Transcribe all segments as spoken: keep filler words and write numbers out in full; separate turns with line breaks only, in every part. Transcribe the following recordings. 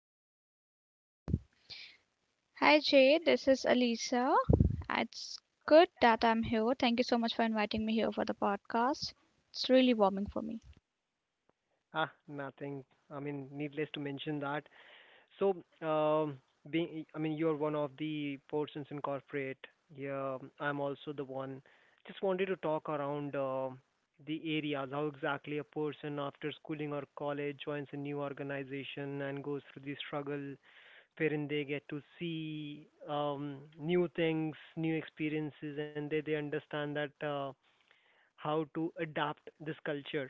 today?
Hi Jay, this is Alisa. It's good that I'm here. Thank you so much for inviting me here for the podcast. It's really warming for me.
Ah, nothing. I mean, needless to mention that. So, um, being, I mean, you're one of the persons in corporate. Yeah, I'm also the one. Just wanted to talk around uh, the areas, how exactly a person after schooling or college joins a new organization and goes through the struggle wherein they get to see um, new things, new experiences, and they, they understand that uh, how to adapt this culture.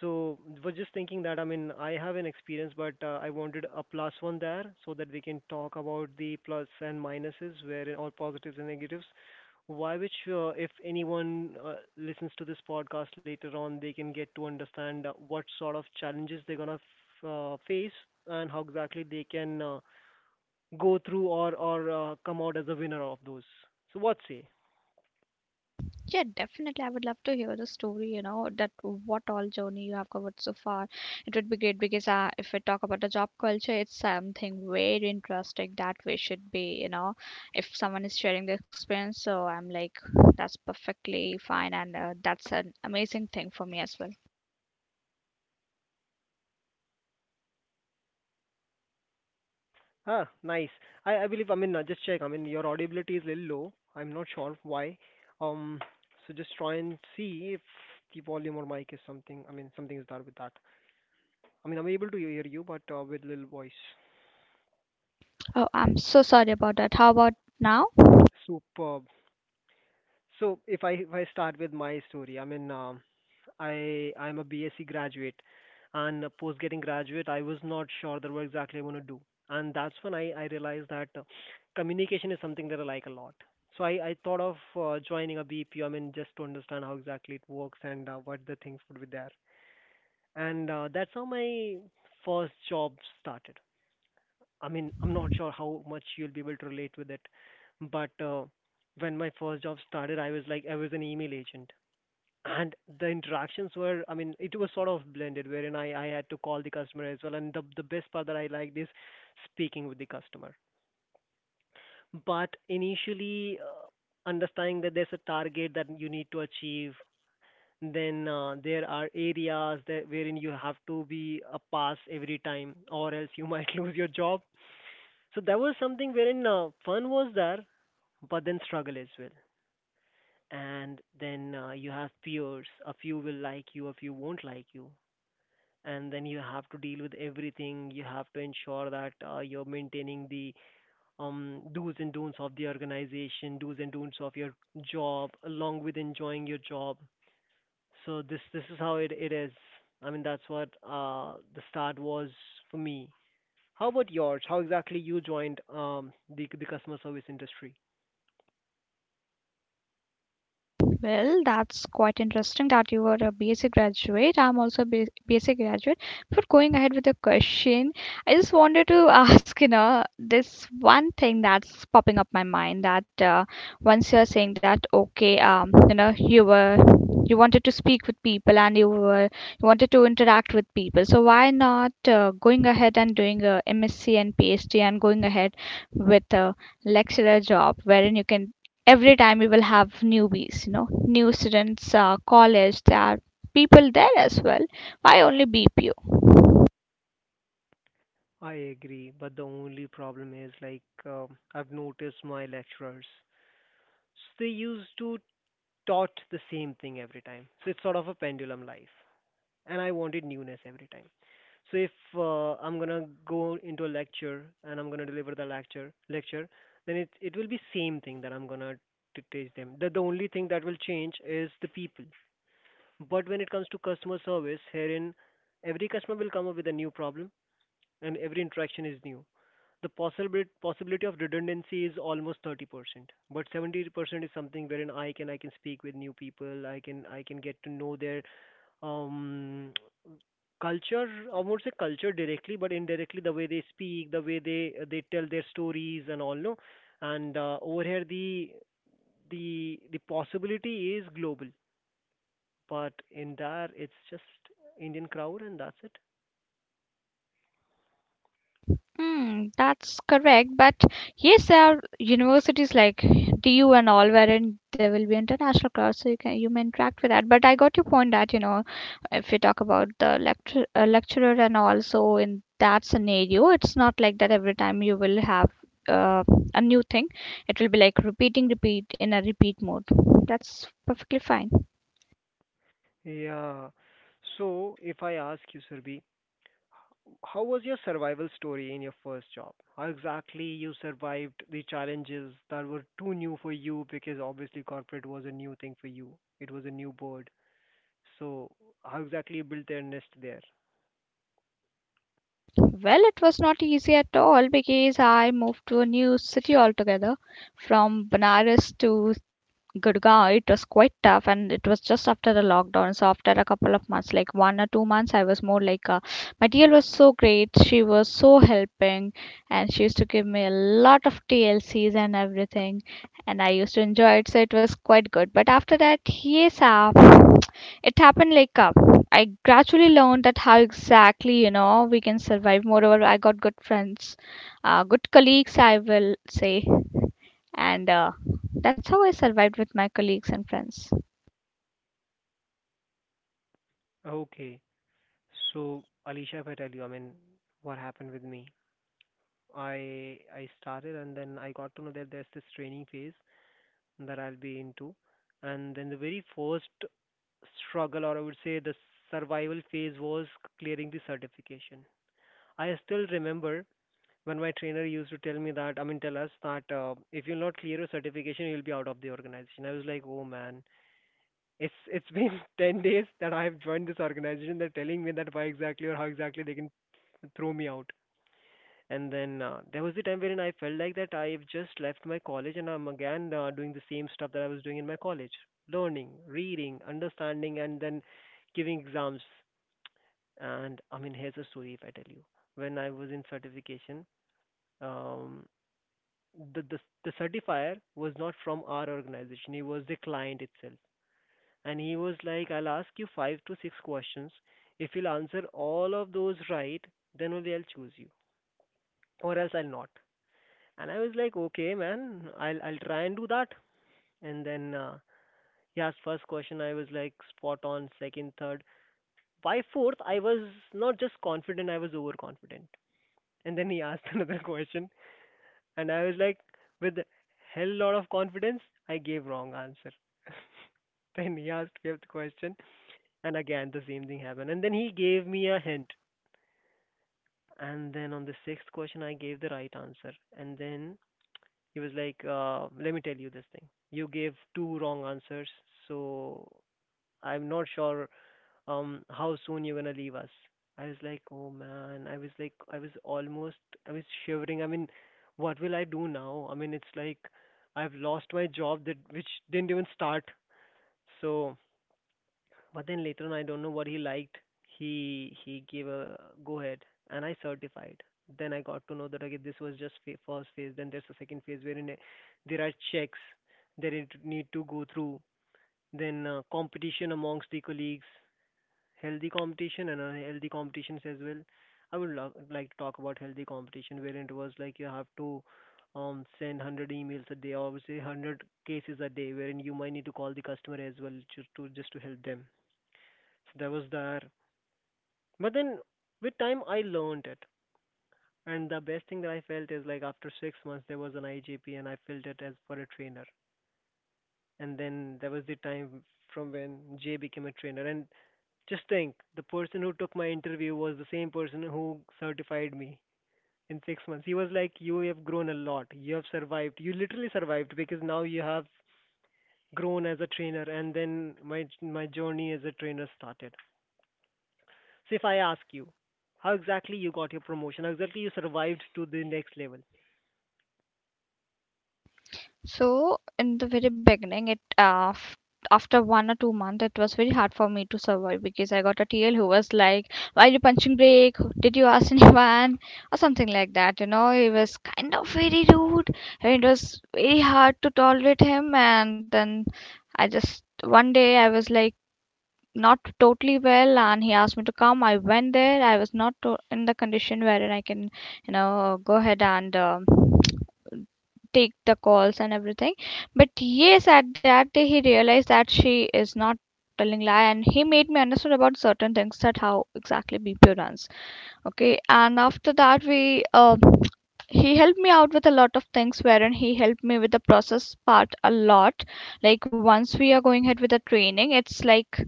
So was just thinking that I mean I have an experience, but uh, I wanted a plus one there so that we can talk about the plus and minuses, where all positives and negatives. Why, which uh, if anyone uh, listens to this podcast later on, they can get to understand uh, what sort of challenges they're gonna f- uh, face and how exactly they can uh, go through or or uh, come out as a winner of those. So what say?
Yeah, definitely. I would love to hear the story, you know, that what all journey you have covered so far. It would be great because uh, if we talk about the job culture, it's something very interesting that we should be, you know, if someone is sharing the experience. So I'm like, that's perfectly fine. And uh, that's an amazing thing for me as well.
Ah, nice. I I believe I mean uh, just check. I mean your audibility is a little low. I'm not sure why. Um, so just try and see if the volume or mic is something. I mean something is there with that. I mean I'm able to hear you, but uh, with little voice.
Oh, I'm so sorry about that. How about now?
Superb. So if I if I start with my story, I mean um I I'm a BSc graduate, and post getting graduate, I was not sure that what exactly I want to do, and that's when I I realized that uh, communication is something that I like a lot. So I I thought of uh, joining a B P O. I mean, just to understand how exactly it works and uh, what the things would be there, and uh, that's how my first job started. I mean, I'm not sure how much you'll be able to relate with it, but uh, when my first job started, I was like I was an email agent, and the interactions were, I mean, it was sort of blended wherein i, I had to call the customer as well, and the, the best part that I liked is speaking with the customer. But initially, uh, understanding that there's a target that you need to achieve, then uh, there are areas that wherein you have to be a pass every time or else you might lose your job. So that was something wherein uh, fun was there, but then struggle as well. And then uh, you have peers. A few will like you, a few won't like you, and then you have to deal with everything. You have to ensure that uh, you're maintaining the um, do's and don'ts of the organization, do's and don'ts of your job, along with enjoying your job. So this this is how it, it is. I mean, that's what uh, the start was for me. How about yours? How exactly you joined um, the the customer service industry?
Well, that's quite interesting that you are a BSc graduate. I'm also a B- BSc graduate. Before going ahead with the question, I just wanted to ask, you know, this one thing that's popping up my mind that uh, once you're saying that, okay, um, you know, you were you wanted to speak with people and you were you wanted to interact with people. So why not uh, going ahead and doing a MSc and PhD and going ahead with a lecturer job wherein you can every time we will have newbies, you know, new students, uh, college, there are people there as well. Why only B P O?
I agree, but the only problem is like, um, I've noticed my lecturers. So they used to taught the same thing every time. So it's sort of a pendulum life. And I wanted newness every time. So if uh, I'm gonna go into a lecture and I'm gonna deliver the lecture lecture, then it it will be same thing that I'm gonna to teach them. The the only thing that will change is the people. But when it comes to customer service, herein every customer will come up with a new problem, and every interaction is new. The possibility possibility of redundancy is almost thirty percent, but seventy percent is something wherein i can i can speak with new people. I can i can get to know their um culture. I won't say culture directly, but indirectly the way they speak, the way they they tell their stories and all, no? And uh, over here the the the possibility is global, but in there it's just Indian crowd and that's it.
Hmm, that's correct. But yes, there are universities like D U and all wherein there will be international crowds, so you can, you may interact with that. But I got your point that you know, if you talk about the lecture uh, lecturer, and also in that scenario, it's not like that every time you will have uh, a new thing. It will be like repeating, repeat in a repeat mode. That's perfectly fine.
Yeah. So if I ask you, sirbi, how was your survival story in your first job? How exactly you survived the challenges that were too new for you, because obviously corporate was a new thing for you. It was a new board. So how exactly you built their nest there?
Well, it was not easy at all because I moved to a new city altogether. From Banaras to Gurgaon, it was quite tough, and it was just after the lockdown. So after a couple of months, like one or two months, I was more like, uh, my T L was so great. She was so helping, and she used to give me a lot of T L Cs and everything, and I used to enjoy it. So it was quite good. But after that, yes, uh, it happened like. Uh, I gradually learned that how exactly, you know, we can survive. Moreover, I got good friends, uh, good colleagues, I will say, and uh, that's how I survived with my colleagues and friends.
Okay. So Alicia, if I tell you, I mean, what happened with me? I I started and then I got to know that there's this training phase that I'll be into, and then the very first struggle, or I would say the survival phase, was clearing the certification. I still remember when my trainer used to tell me that, I mean, tell us that uh, if you'll not clear your certification, you'll be out of the organization. I was like, oh man, it's it's been ten days that I've joined this organization. They're telling me that why exactly or how exactly they can throw me out. And then uh, there was the time wherein I felt like that I've just left my college and I'm again uh, doing the same stuff that I was doing in my college, learning, reading, understanding, and then giving exams. And I mean, here's a story if I tell you. When I was in certification, um, the, the the certifier was not from our organization. He was the client itself, and he was like, "I'll ask you five to six questions. If you'll answer all of those right, then only I'll choose you, or else I'll not." And I was like, "Okay, man, I'll I'll try and do that." And then uh, he asked first question. I was like spot on. Second, third, by fourth, I was not just confident. I was overconfident. And then he asked another question. And I was like, with a hell lot of confidence, I gave wrong answer. Then he asked fifth question, and again the same thing happened. And then he gave me a hint. And then on the sixth question, I gave the right answer. And then he was like, uh, let me tell you this thing. You gave two wrong answers, so I'm not sure um how soon you're gonna leave us. I was like, oh man. I was like, I was almost, I was shivering. I mean, what will I do now? I mean, it's like I've lost my job that which didn't even start. So, but then later on, I don't know what he liked. He he gave a go ahead, and I certified. Then I got to know that okay, this was just fa- first phase. Then there's a second phase wherein uh, there are checks that it need to go through. Then uh, competition amongst the colleagues, healthy competition and unhealthy competitions as well. I would lo- like to talk about healthy competition, wherein it was like you have to um, send one hundred emails a day, or say one hundred cases a day, wherein you might need to call the customer as well, just to just to help them. So that was there. But then with time, I learned it, and the best thing that I felt is like after six months there was an I J P, and I felt it as for a trainer. And then there was the time from when Jay became a trainer, and just think, the person who took my interview was the same person who certified me in six months. He was like, you have grown a lot. You have survived. You literally survived because now you have grown as a trainer. And then my my journey as a trainer started. So if I ask you, how exactly you got your promotion, how exactly you survived to the next level.
So in the very beginning, it uh, f- after one or two months, it was very hard for me to survive because I got a T L who was like, "Why are you punching break? Did you ask anyone?" or something like that. You know, he was kind of very rude, and it was very hard to tolerate him. And then I, just one day, I was like not totally well, and he asked me to come. I went there. I was not to- in the condition wherein I can, you know, go ahead and um take the calls and everything. But yes, at that day he realized that she is not telling lie, and he made me understand about certain things, that how exactly B P O runs. Okay. And after that we uh, he helped me out with a lot of things, wherein he helped me with the process part a lot. Like once we are going ahead with the training, it's like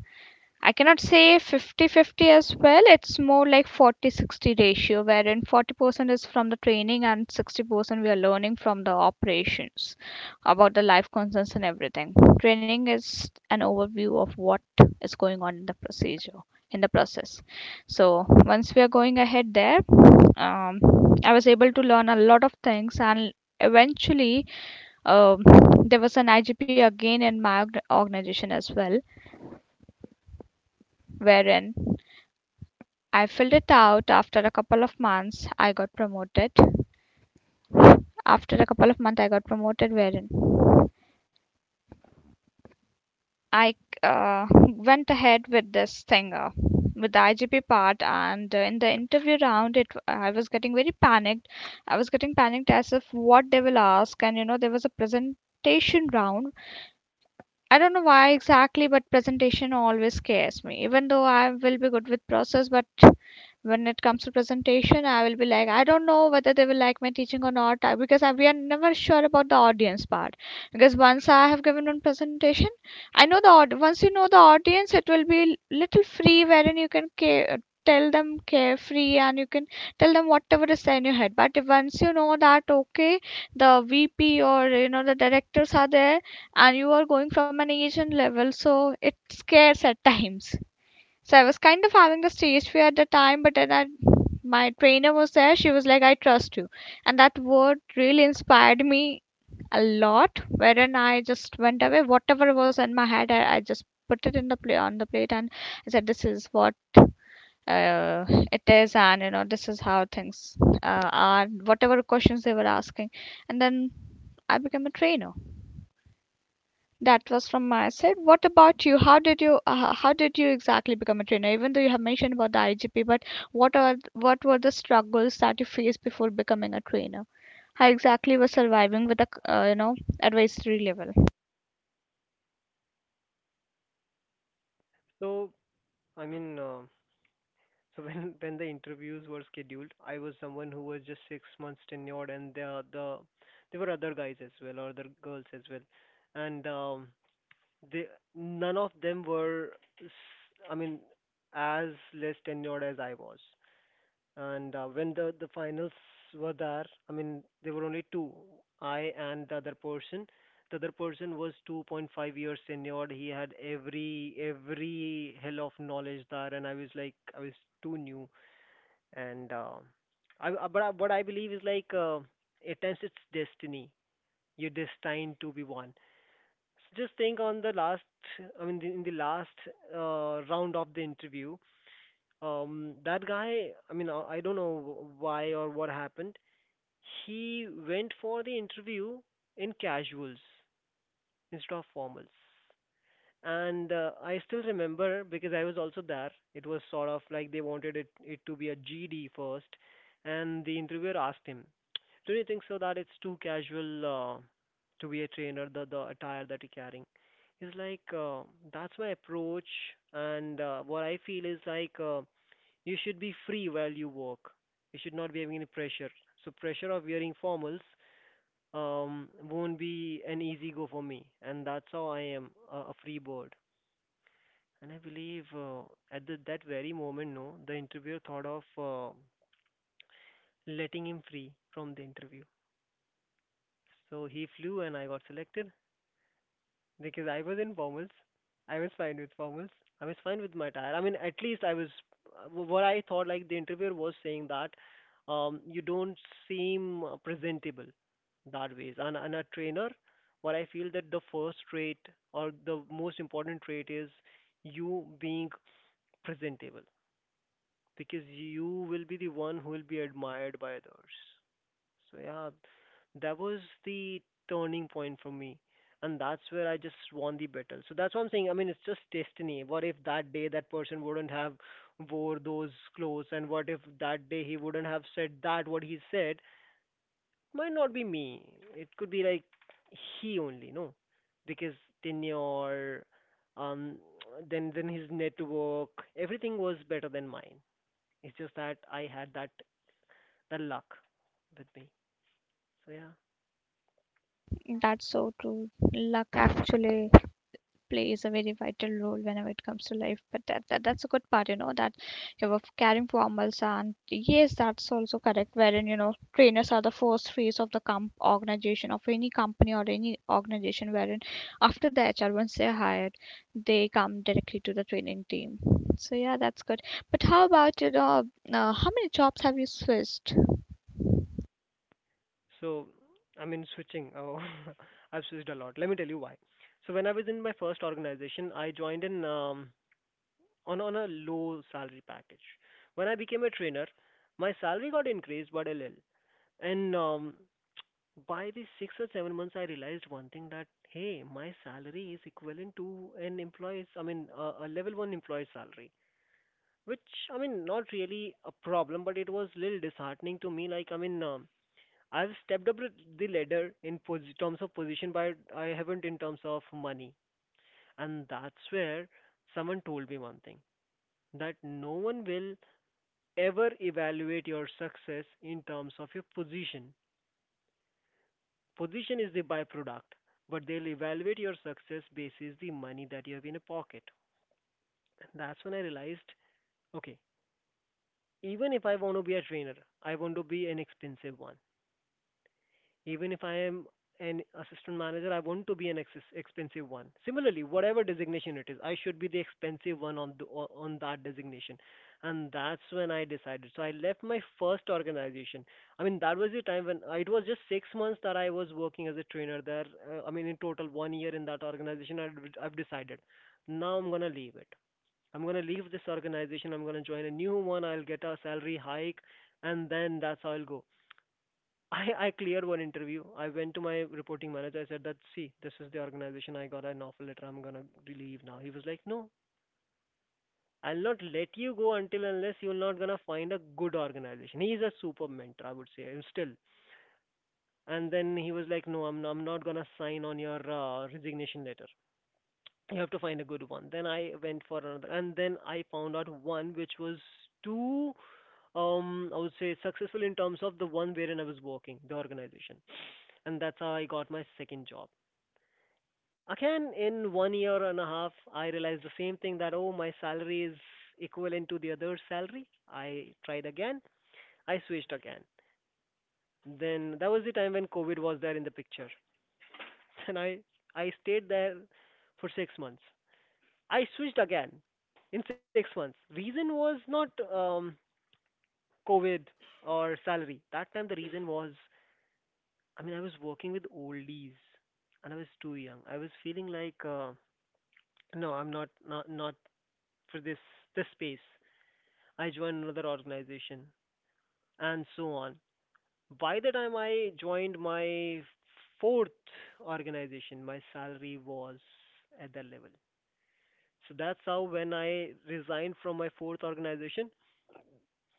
I cannot say fifty-fifty as well. It's more like forty-sixty ratio, wherein forty percent is from the training and sixty percent we are learning from the operations about the life concerns and everything. Training is an overview of what is going on in the procedure, in the process. So once we are going ahead there, um, I was able to learn a lot of things, and eventually, um, there was an I G P again in my organization as well, wherein I filled it out. After a couple of months, I got promoted. After a couple of months, I got promoted, wherein I uh, went ahead with this thing, uh, with the I G P part, and uh, in the interview round, it, I was getting very panicked. I was getting panicked as if what they will ask, and you know there was a presentation round. I don't know why exactly, but presentation always scares me. Even though I will be good with process, but when it comes to presentation, I will be like, I don't know whether they will like my teaching or not. I- because I, we are never sure about the audience part, because once I have given one presentation, I know the aud- once you know the audience, it will be l- little free, wherein you can care, tell them carefree, and you can tell them whatever is there in your head. But once you know that, okay, the V P or, you know, the directors are there, and you are going from an asian level, so it scares at times. So I was kind of having the stage fear at the time, but then I, my trainer was there. She was like, "I trust you," and that word really inspired me a lot. Wherein I just went away, whatever was in my head, I, I just put it in the plate, on the plate, and I said, "This is what." Uh, it is. And you know this is how things uh, are, whatever questions they were asking. And then I became a trainer. That was from my side. What about you? How did you uh, how did you exactly become a trainer? Even though you have mentioned about the I G P, but what are th- what were the struggles that you faced before becoming a trainer? How exactly was surviving with a c- uh, you know, advisory level?
So I mean uh, so when when the interviews were scheduled, I was someone who was just six months tenured, and the the there were other guys as well or other girls as well, and um, they none of them were, s- I mean, as less tenured as I was. And uh, when the the finals were there, I mean, there were only two, I and the other person. The other person was two point five years tenured. He had every every hell of knowledge there, and I was like I was too new. And uh, I, I- but I, what I believe is like, uh, at times it's destiny. You're destined to be one. So just think on the last, I mean, the, in the last uh, round of the interview, um, that guy, I mean, uh, I don't know why or what happened. He went for the interview in casuals instead of formals. And uh, I still remember because I was also there. It was sort of like they wanted it, it to be a G D first, and the interviewer asked him, "Do you think so that it's too casual uh, to be a trainer? The the attire that you're carrying." He's like, uh, "That's my approach, and uh, what I feel is like uh, you should be free while you work. You should not be having any pressure. So pressure of wearing formals." Um, won't be an easy go for me, and that's how I am a, a free bird. And I believe uh, at the, that very moment, no, the interviewer thought of uh, letting him free from the interview. So he flew and I got selected because I was in formals. I was fine with formals. I was fine with my attire. I mean, at least I was what I thought like the interviewer was saying that um, you don't seem uh, presentable that ways. And, and a trainer, what I feel that the first trait or the most important trait is you being presentable because you will be the one who will be admired by others. So yeah, that was the turning point for me. And that's where I just won the battle. So that's what I'm saying. I mean, it's just destiny. What if that day that person wouldn't have wore those clothes, and what if that day he wouldn't have said that what he said? Might not be me. It could be like he only, no, because tenure, um, then then his network, everything was better than mine. It's just that I had that that luck with me. So yeah.
That's so true. Luck actually plays a very vital role whenever it comes to life. But that, that that's a good part, you know, that you were caring for animals. And yes, that's also correct. Wherein you know, trainers are the first phase of the comp organization of any company or any organization. Wherein after the H R, once they're hired, they come directly to the training team. So yeah, that's good. But how about, you know, uh, how many jobs have you switched?
So I mean switching. Oh, I've switched a lot. Let me tell you why. So when I was in my first organization, I joined in um, on on a low salary package. When I became a trainer, my salary got increased but a little. And um, by the six or seven months, I realized one thing that hey, my salary is equivalent to an employee's. I mean, uh, a, a level one employee's salary, which I mean not really a problem, but it was little disheartening to me. Like I mean, um, I've stepped up the ladder in posi- terms of position, but I haven't in terms of money. And that's where someone told me one thing that no one will ever evaluate your success in terms of your position. Position is the byproduct, but they'll evaluate your success basis the money that you have in a pocket. And that's when I realized, okay, even if I want to be a trainer, I want to be an expensive one. Even if I am an assistant manager, I want to be an ex- expensive one. Similarly, whatever designation it is, I should be the expensive one on the, o- on that designation, and that's when I decided. So I left my first organization. I mean, that was the time when I, it was just six months that I was working as a trainer there. Uh, I mean, in total, one year in that organization, I, I've decided now I'm gonna leave it. I'm gonna leave this organization. I'm gonna join a new one. I'll get a salary hike, and then that's how I'll go. I, I cleared one interview. I went to my reporting manager. I said that see, this is the organization. I got an offer letter. I'm gonna leave now. He was like, no, I'll not let you go until unless you're not gonna find a good organization. He's a super mentor, I would say, and still. And then he was like, no, I'm I'm not gonna sign on your uh, resignation letter. You have to find a good one. Then I went for another, and then I found out one which was too um I would say successful in terms of the one wherein I was working the organization. And that's how I got my second job. Again, in one year and a half, I realized the same thing, that oh, my salary is equivalent to the other salary. I tried again, I switched again. Then that was the time when COVID was there in the picture. And i i stayed there for six months. I switched again in six months. Reason was not um, COVID or salary. That time the reason was, I mean, I was working with oldies and I was too young. I was feeling like, uh, no, I'm not, not, not for this, this space. I joined another organization and so on. By the time I joined my fourth organization, my salary was at that level. So that's how when I resigned from my fourth organization,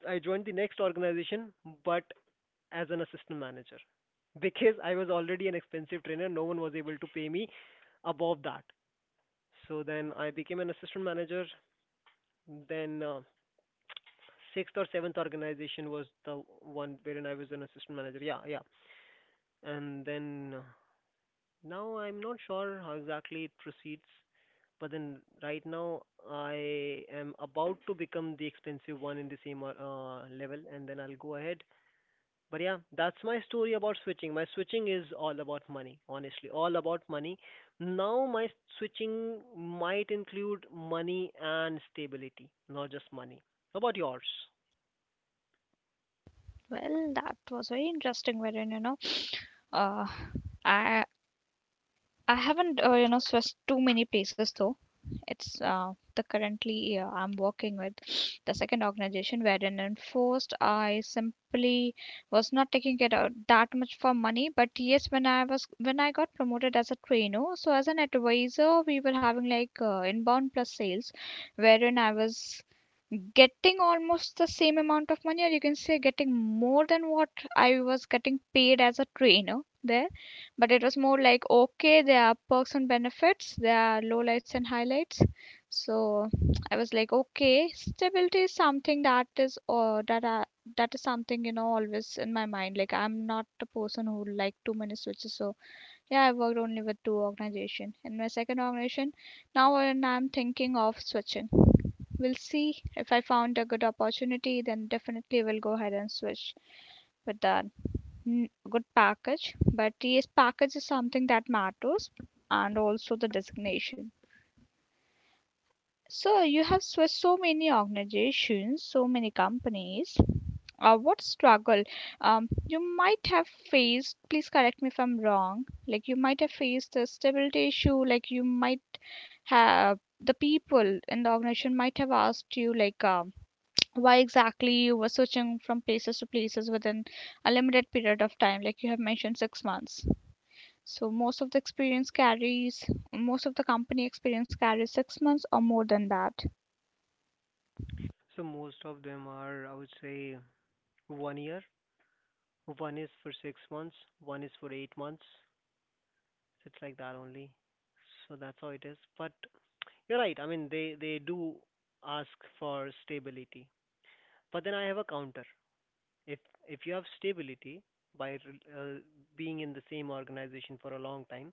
I joined the next organization, but as an assistant manager because I was already an expensive trainer. No one was able to pay me above that. So then I became an assistant manager. Then uh, sixth or seventh organization was the one wherein I was an assistant manager. Yeah, yeah. And then uh, now I'm not sure how exactly it proceeds, but then right now I am about to become the expensive one in the same uh, level, and then I'll go ahead. But yeah, that's my story about switching. My switching is all about money, honestly, all about money. Now, my switching might include money and stability, not just money. How about yours?
Well, that was very interesting. Wherein you know, uh, I I haven't, uh, you know, switched too many places though. It's uh, the currently uh, I'm working with the second organization, wherein in first I simply was not taking it out that much for money. But yes, when I was, when I got promoted as a trainer, so as an advisor, we were having like uh, inbound plus sales, wherein I was getting almost the same amount of money, or you can say getting more than what I was getting paid as a trainer there. But it was more like, okay, there are perks and benefits, there are lowlights and highlights. So I was like, okay, stability is something that is, or that I, that is something, you know, always in my mind. Like I'm not a person who like too many switches. So yeah, I worked only with two organization. In my second organization, now when I'm thinking of switching, we'll see. If I found a good opportunity, then definitely will go ahead and switch with that good package. But yes, package is something that matters, and also the designation. So you have switched so many organizations, so many companies. Uh, what struggle, um, you might have faced? Please correct me if I'm wrong. Like you might have faced a stability issue. Like you might have, the people in the organization might have asked you like, um, why exactly you were switching from places to places within a limited period of time, like you have mentioned six months. So most of the experience carries, most of the company experience carries six months or more than that.
So most of them are, I would say, one year. One is for six months. One is for eight months. So it's like that only. So that's how it is. But you're right. I mean, they, they do ask for stability. But then I have a counter. if if you have stability by uh, being in the same organization for a long time,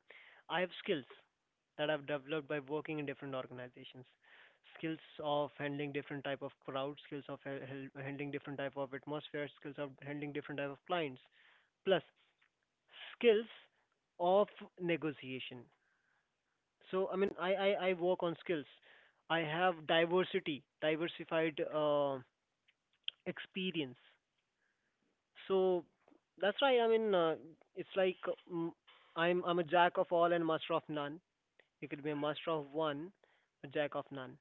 I have skills that I've developed by working in different organizations. Skills of handling different type of crowd, skills of ha- hel- handling different type of atmosphere, skills of handling different type of clients, plus skills of negotiation. So I mean i i, I work on skills. I have diversity diversified uh, experience. So that's right. I mean, uh, it's like uh, mm, I'm I'm a jack of all and master of none. You could be a master of one, a jack of none.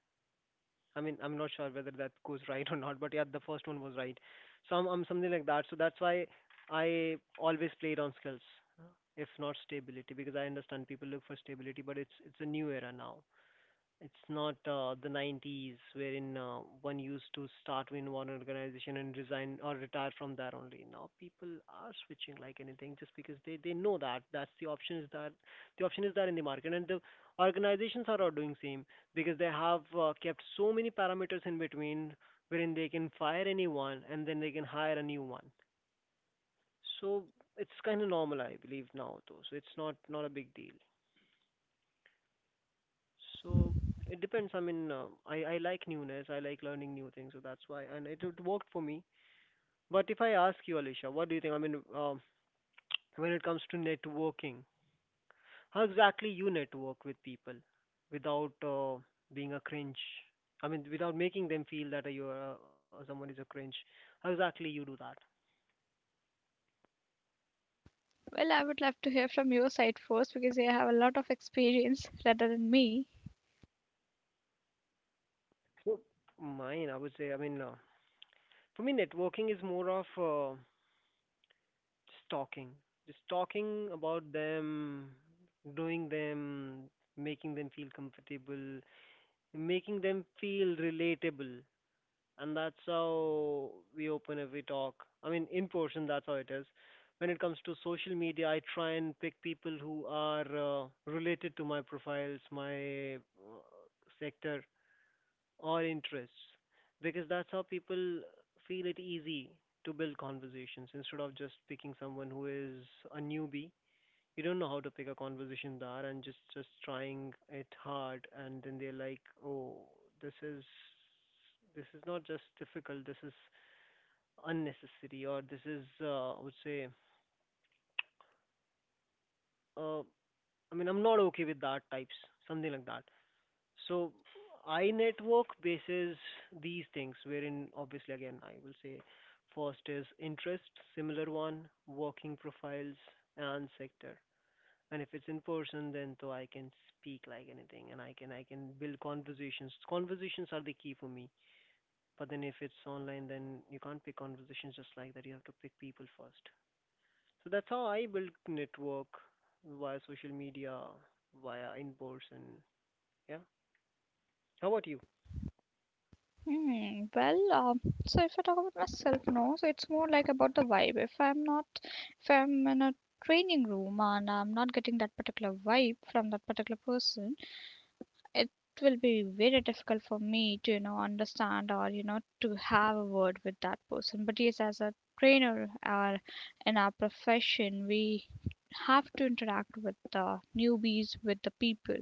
I mean, I'm not sure whether that goes right or not, but yeah, the first one was right. So I'm, I'm something like that. So that's why I always played on skills, if not stability, because I understand people look for stability, but it's it's a new era now. It's not uh, the nineties wherein uh, one used to start in one organization and resign or retire from there only. Now people are switching like anything just because they, they know that that's the option is that the option is there in the market, and the organizations are all doing same because they have uh, kept so many parameters in between wherein they can fire anyone and then they can hire a new one. So it's kind of normal I believe now though. So it's not not a big deal. So it depends. I mean, uh, I I like newness. I like learning new things, so that's why, and it, it worked for me. But if I ask you, Alicia, what do you think? I mean, um, when it comes to networking, how exactly you network with people without uh, being a cringe? I mean, without making them feel that you are uh, someone is a cringe. How exactly you do that?
Well, I would love to hear from your side first, because you have a lot of experience rather than me.
So mine, I would say, I mean, uh, for me, networking is more of uh, just talking. Just talking about them, doing them, making them feel comfortable, making them feel relatable. And that's how we open every talk. I mean, in person, that's how it is. When it comes to social media, I try and pick people who are uh, related to my profiles, my uh, sector or interests, because that's how people feel it easy to build conversations instead of just picking someone who is a newbie. You don't know how to pick a conversation there and just just trying it hard, and then they're like, oh, this is this is not just difficult, this is unnecessary, or this is uh, I would say uh, I mean I'm not okay with that types, something like that. So I network bases these things, wherein obviously again I will say first is interest, similar one, working profiles and sector. And if it's in person, then so I can speak like anything, and I can I can build conversations. Conversations are the key for me. But then if it's online, then you can't pick conversations just like that. You have to pick people first. So that's how I build network via social media, via in person. Yeah. How about you?
Hmm, well, um, so if I talk about myself, no, so it's more like about the vibe. If I'm not, if I'm in a training room and I'm not getting that particular vibe from that particular person, it will be very difficult for me to, you know, understand, or you know, to have a word with that person. But yes, as a trainer, or in our profession, we have to interact with the newbies, with the people.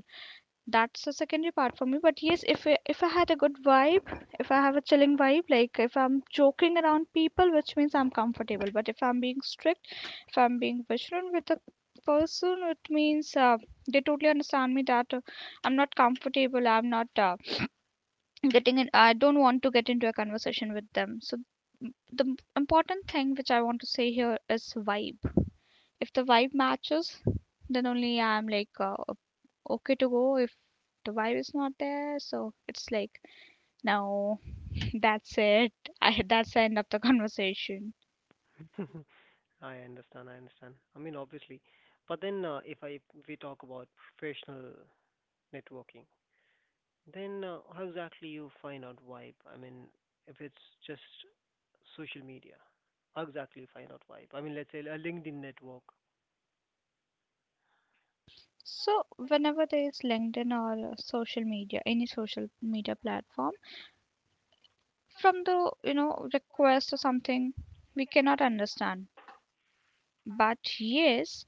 That's a secondary part for me. But yes, if I, if I had a good vibe, if I have a chilling vibe, like if I'm joking around people, which means I'm comfortable. But if I'm being strict, if I'm being vigilant with a person, it means uh, they totally understand me that uh, I'm not comfortable. I'm not uh, getting in. I don't want to get into a conversation with them. So m- the m- important thing which I want to say here is vibe. If the vibe matches, then only I'm like, uh, okay to go. If the vibe is not there, so it's like, no, that's it. I That's the end of the conversation.
I understand. I understand. I mean, obviously, but then uh, if I we talk about professional networking, then uh, how exactly you find out vibe? I mean, if it's just social media, how exactly you find out vibe? I mean, let's say a LinkedIn network.
So whenever there is LinkedIn or uh, social media, any social media platform, from the, you know, request or something, we cannot understand. But yes,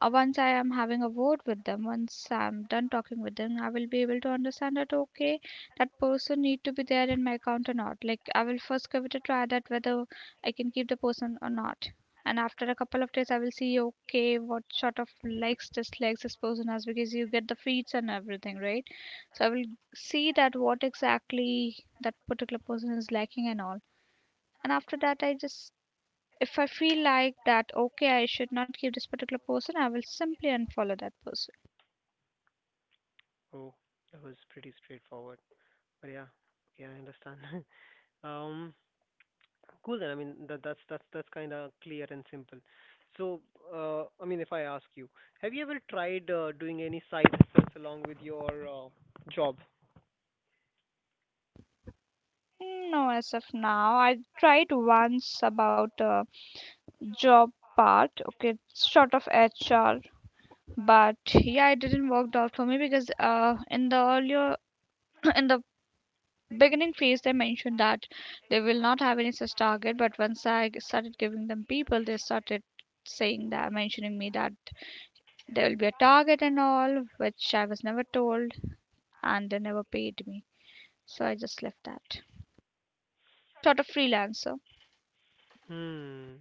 Uh, once I am having a word with them, once I'm done talking with them, I will be able to understand that, okay, that person need to be there in my account or not. Like I will first give it a try that whether I can keep the person or not. And after a couple of days, I will see, okay, what sort of likes dislikes this person has, because you get the feeds and everything, right? So I will see that what exactly that particular person is liking and all. And after that, I just, if I feel like that, okay, I should not keep this particular person, I will simply unfollow that person.
Oh, that was pretty straightforward. But yeah, okay, I understand. um, Cool then. I mean, that, that's that's that's kind of clear and simple. So, uh, I mean, if I ask you, have you ever tried uh, doing any side hustles along with your uh, job?
Mm, no, as of now, I tried once about a job part, okay, sort of H R, but yeah, it didn't work out for me because uh, in the earlier, in the beginning phase, they mentioned that they will not have any such target. But once I g- started giving them people, they started saying that, mentioning me that there will be a target and all, which I was never told, and they never paid me. So I just left that. Sort of freelancer.
Hmm.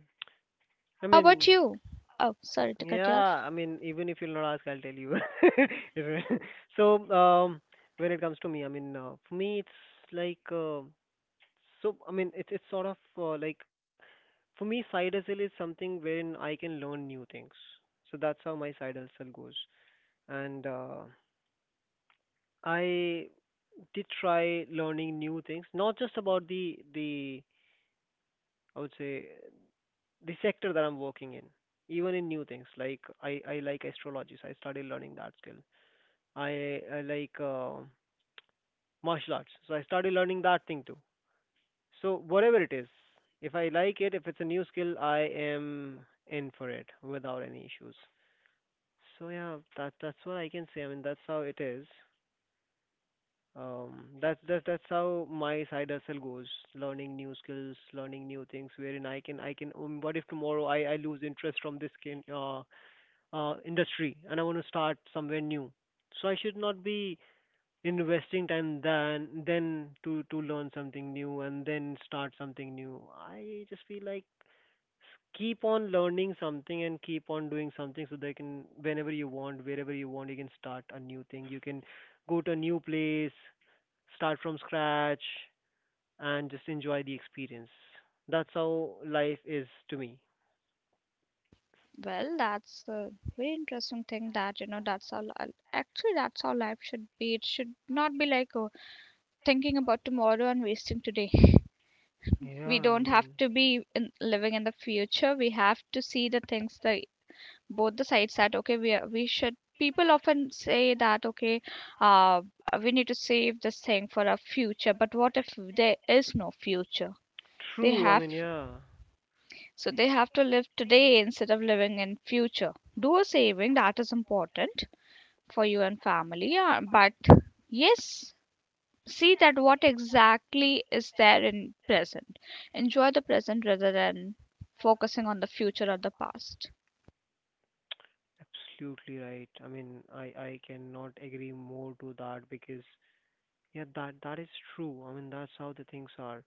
I
How about
mean,
you? Oh, sorry to cut you off.
yeah. I mean, even if you'll not ask, I'll tell you. If- So, um, when it comes to me, I mean, uh, for me, it's like, uh, so I mean, it's it's sort of uh, like, for me, side hustle is something when I can learn new things. So that's how my side hustle goes. And uh, I did try learning new things, not just about the the, I would say, the sector that I'm working in, even in new things. Like I I like astrology, so I started learning that skill. I I like uh, martial arts, so I started learning that thing too. So whatever it is, if I like it, if it's a new skill, I am in for it without any issues. So yeah, that that's what I can say. I mean, that's how it is. Um, that's that's that's how my side hustle goes. Learning new skills, learning new things, wherein I can I can. Um, what if tomorrow I I lose interest from this kin, uh uh industry and I want to start somewhere new? So I should not be investing time then then to to learn something new and then start something new. I just feel like keep on learning something and keep on doing something, so they can whenever you want wherever you want, you can start a new thing, you can go to a new place, start from scratch, and just enjoy the experience. That's how life is to me.
Well, that's a very interesting thing that, you know, that's how, actually, that's how life should be. It should not be like, oh, thinking about tomorrow and wasting today.
Yeah,
We
I
don't have
mean,
to be in, living in the future. We have to see the things that both the sides, that, okay, we, are- we should. People often say that, okay, uh, we need to save this thing for our future, but what if there is no future? They
true. I
have
mean, yeah,
So they have to live today instead of living in future. Do a saving that is important for you and family. Yeah, but yes, see that what exactly is there in present. Enjoy the present rather than focusing on the future or the past.
absolutely right. I mean, I I cannot agree more to that, because yeah, that that is true. I mean, that's how the things are.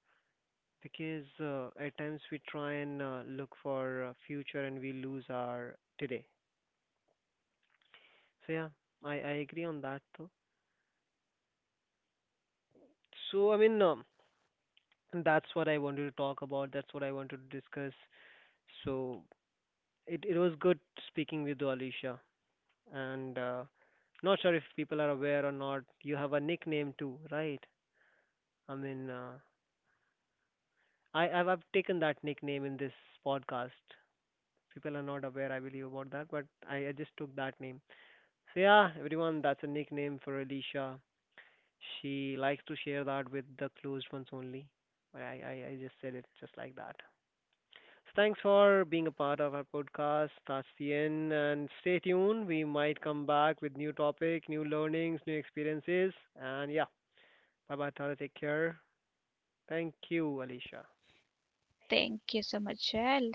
Because uh, at times we try and uh, look for uh, future and we lose our today. So yeah, I I agree on that though. So I mean, um, that's what I wanted to talk about. That's what I wanted to discuss. So it, it was good speaking with you, Alicia. And uh, not sure if people are aware or not. You have a nickname too, right? I mean, uh, I I've, I've taken that nickname in this podcast. People are not aware, I believe, about that, but I, I just took that name. So yeah, everyone, that's a nickname for Alicia. She likes to share that with the closed ones only. But I, I, I just said it just like that. Thanks for being a part of our podcast. That's the end. And stay tuned. We might come back with new topic, new learnings, new experiences. And yeah, bye bye, Tara. Take care. Thank you, Alicia.
Thank you so much, Shell.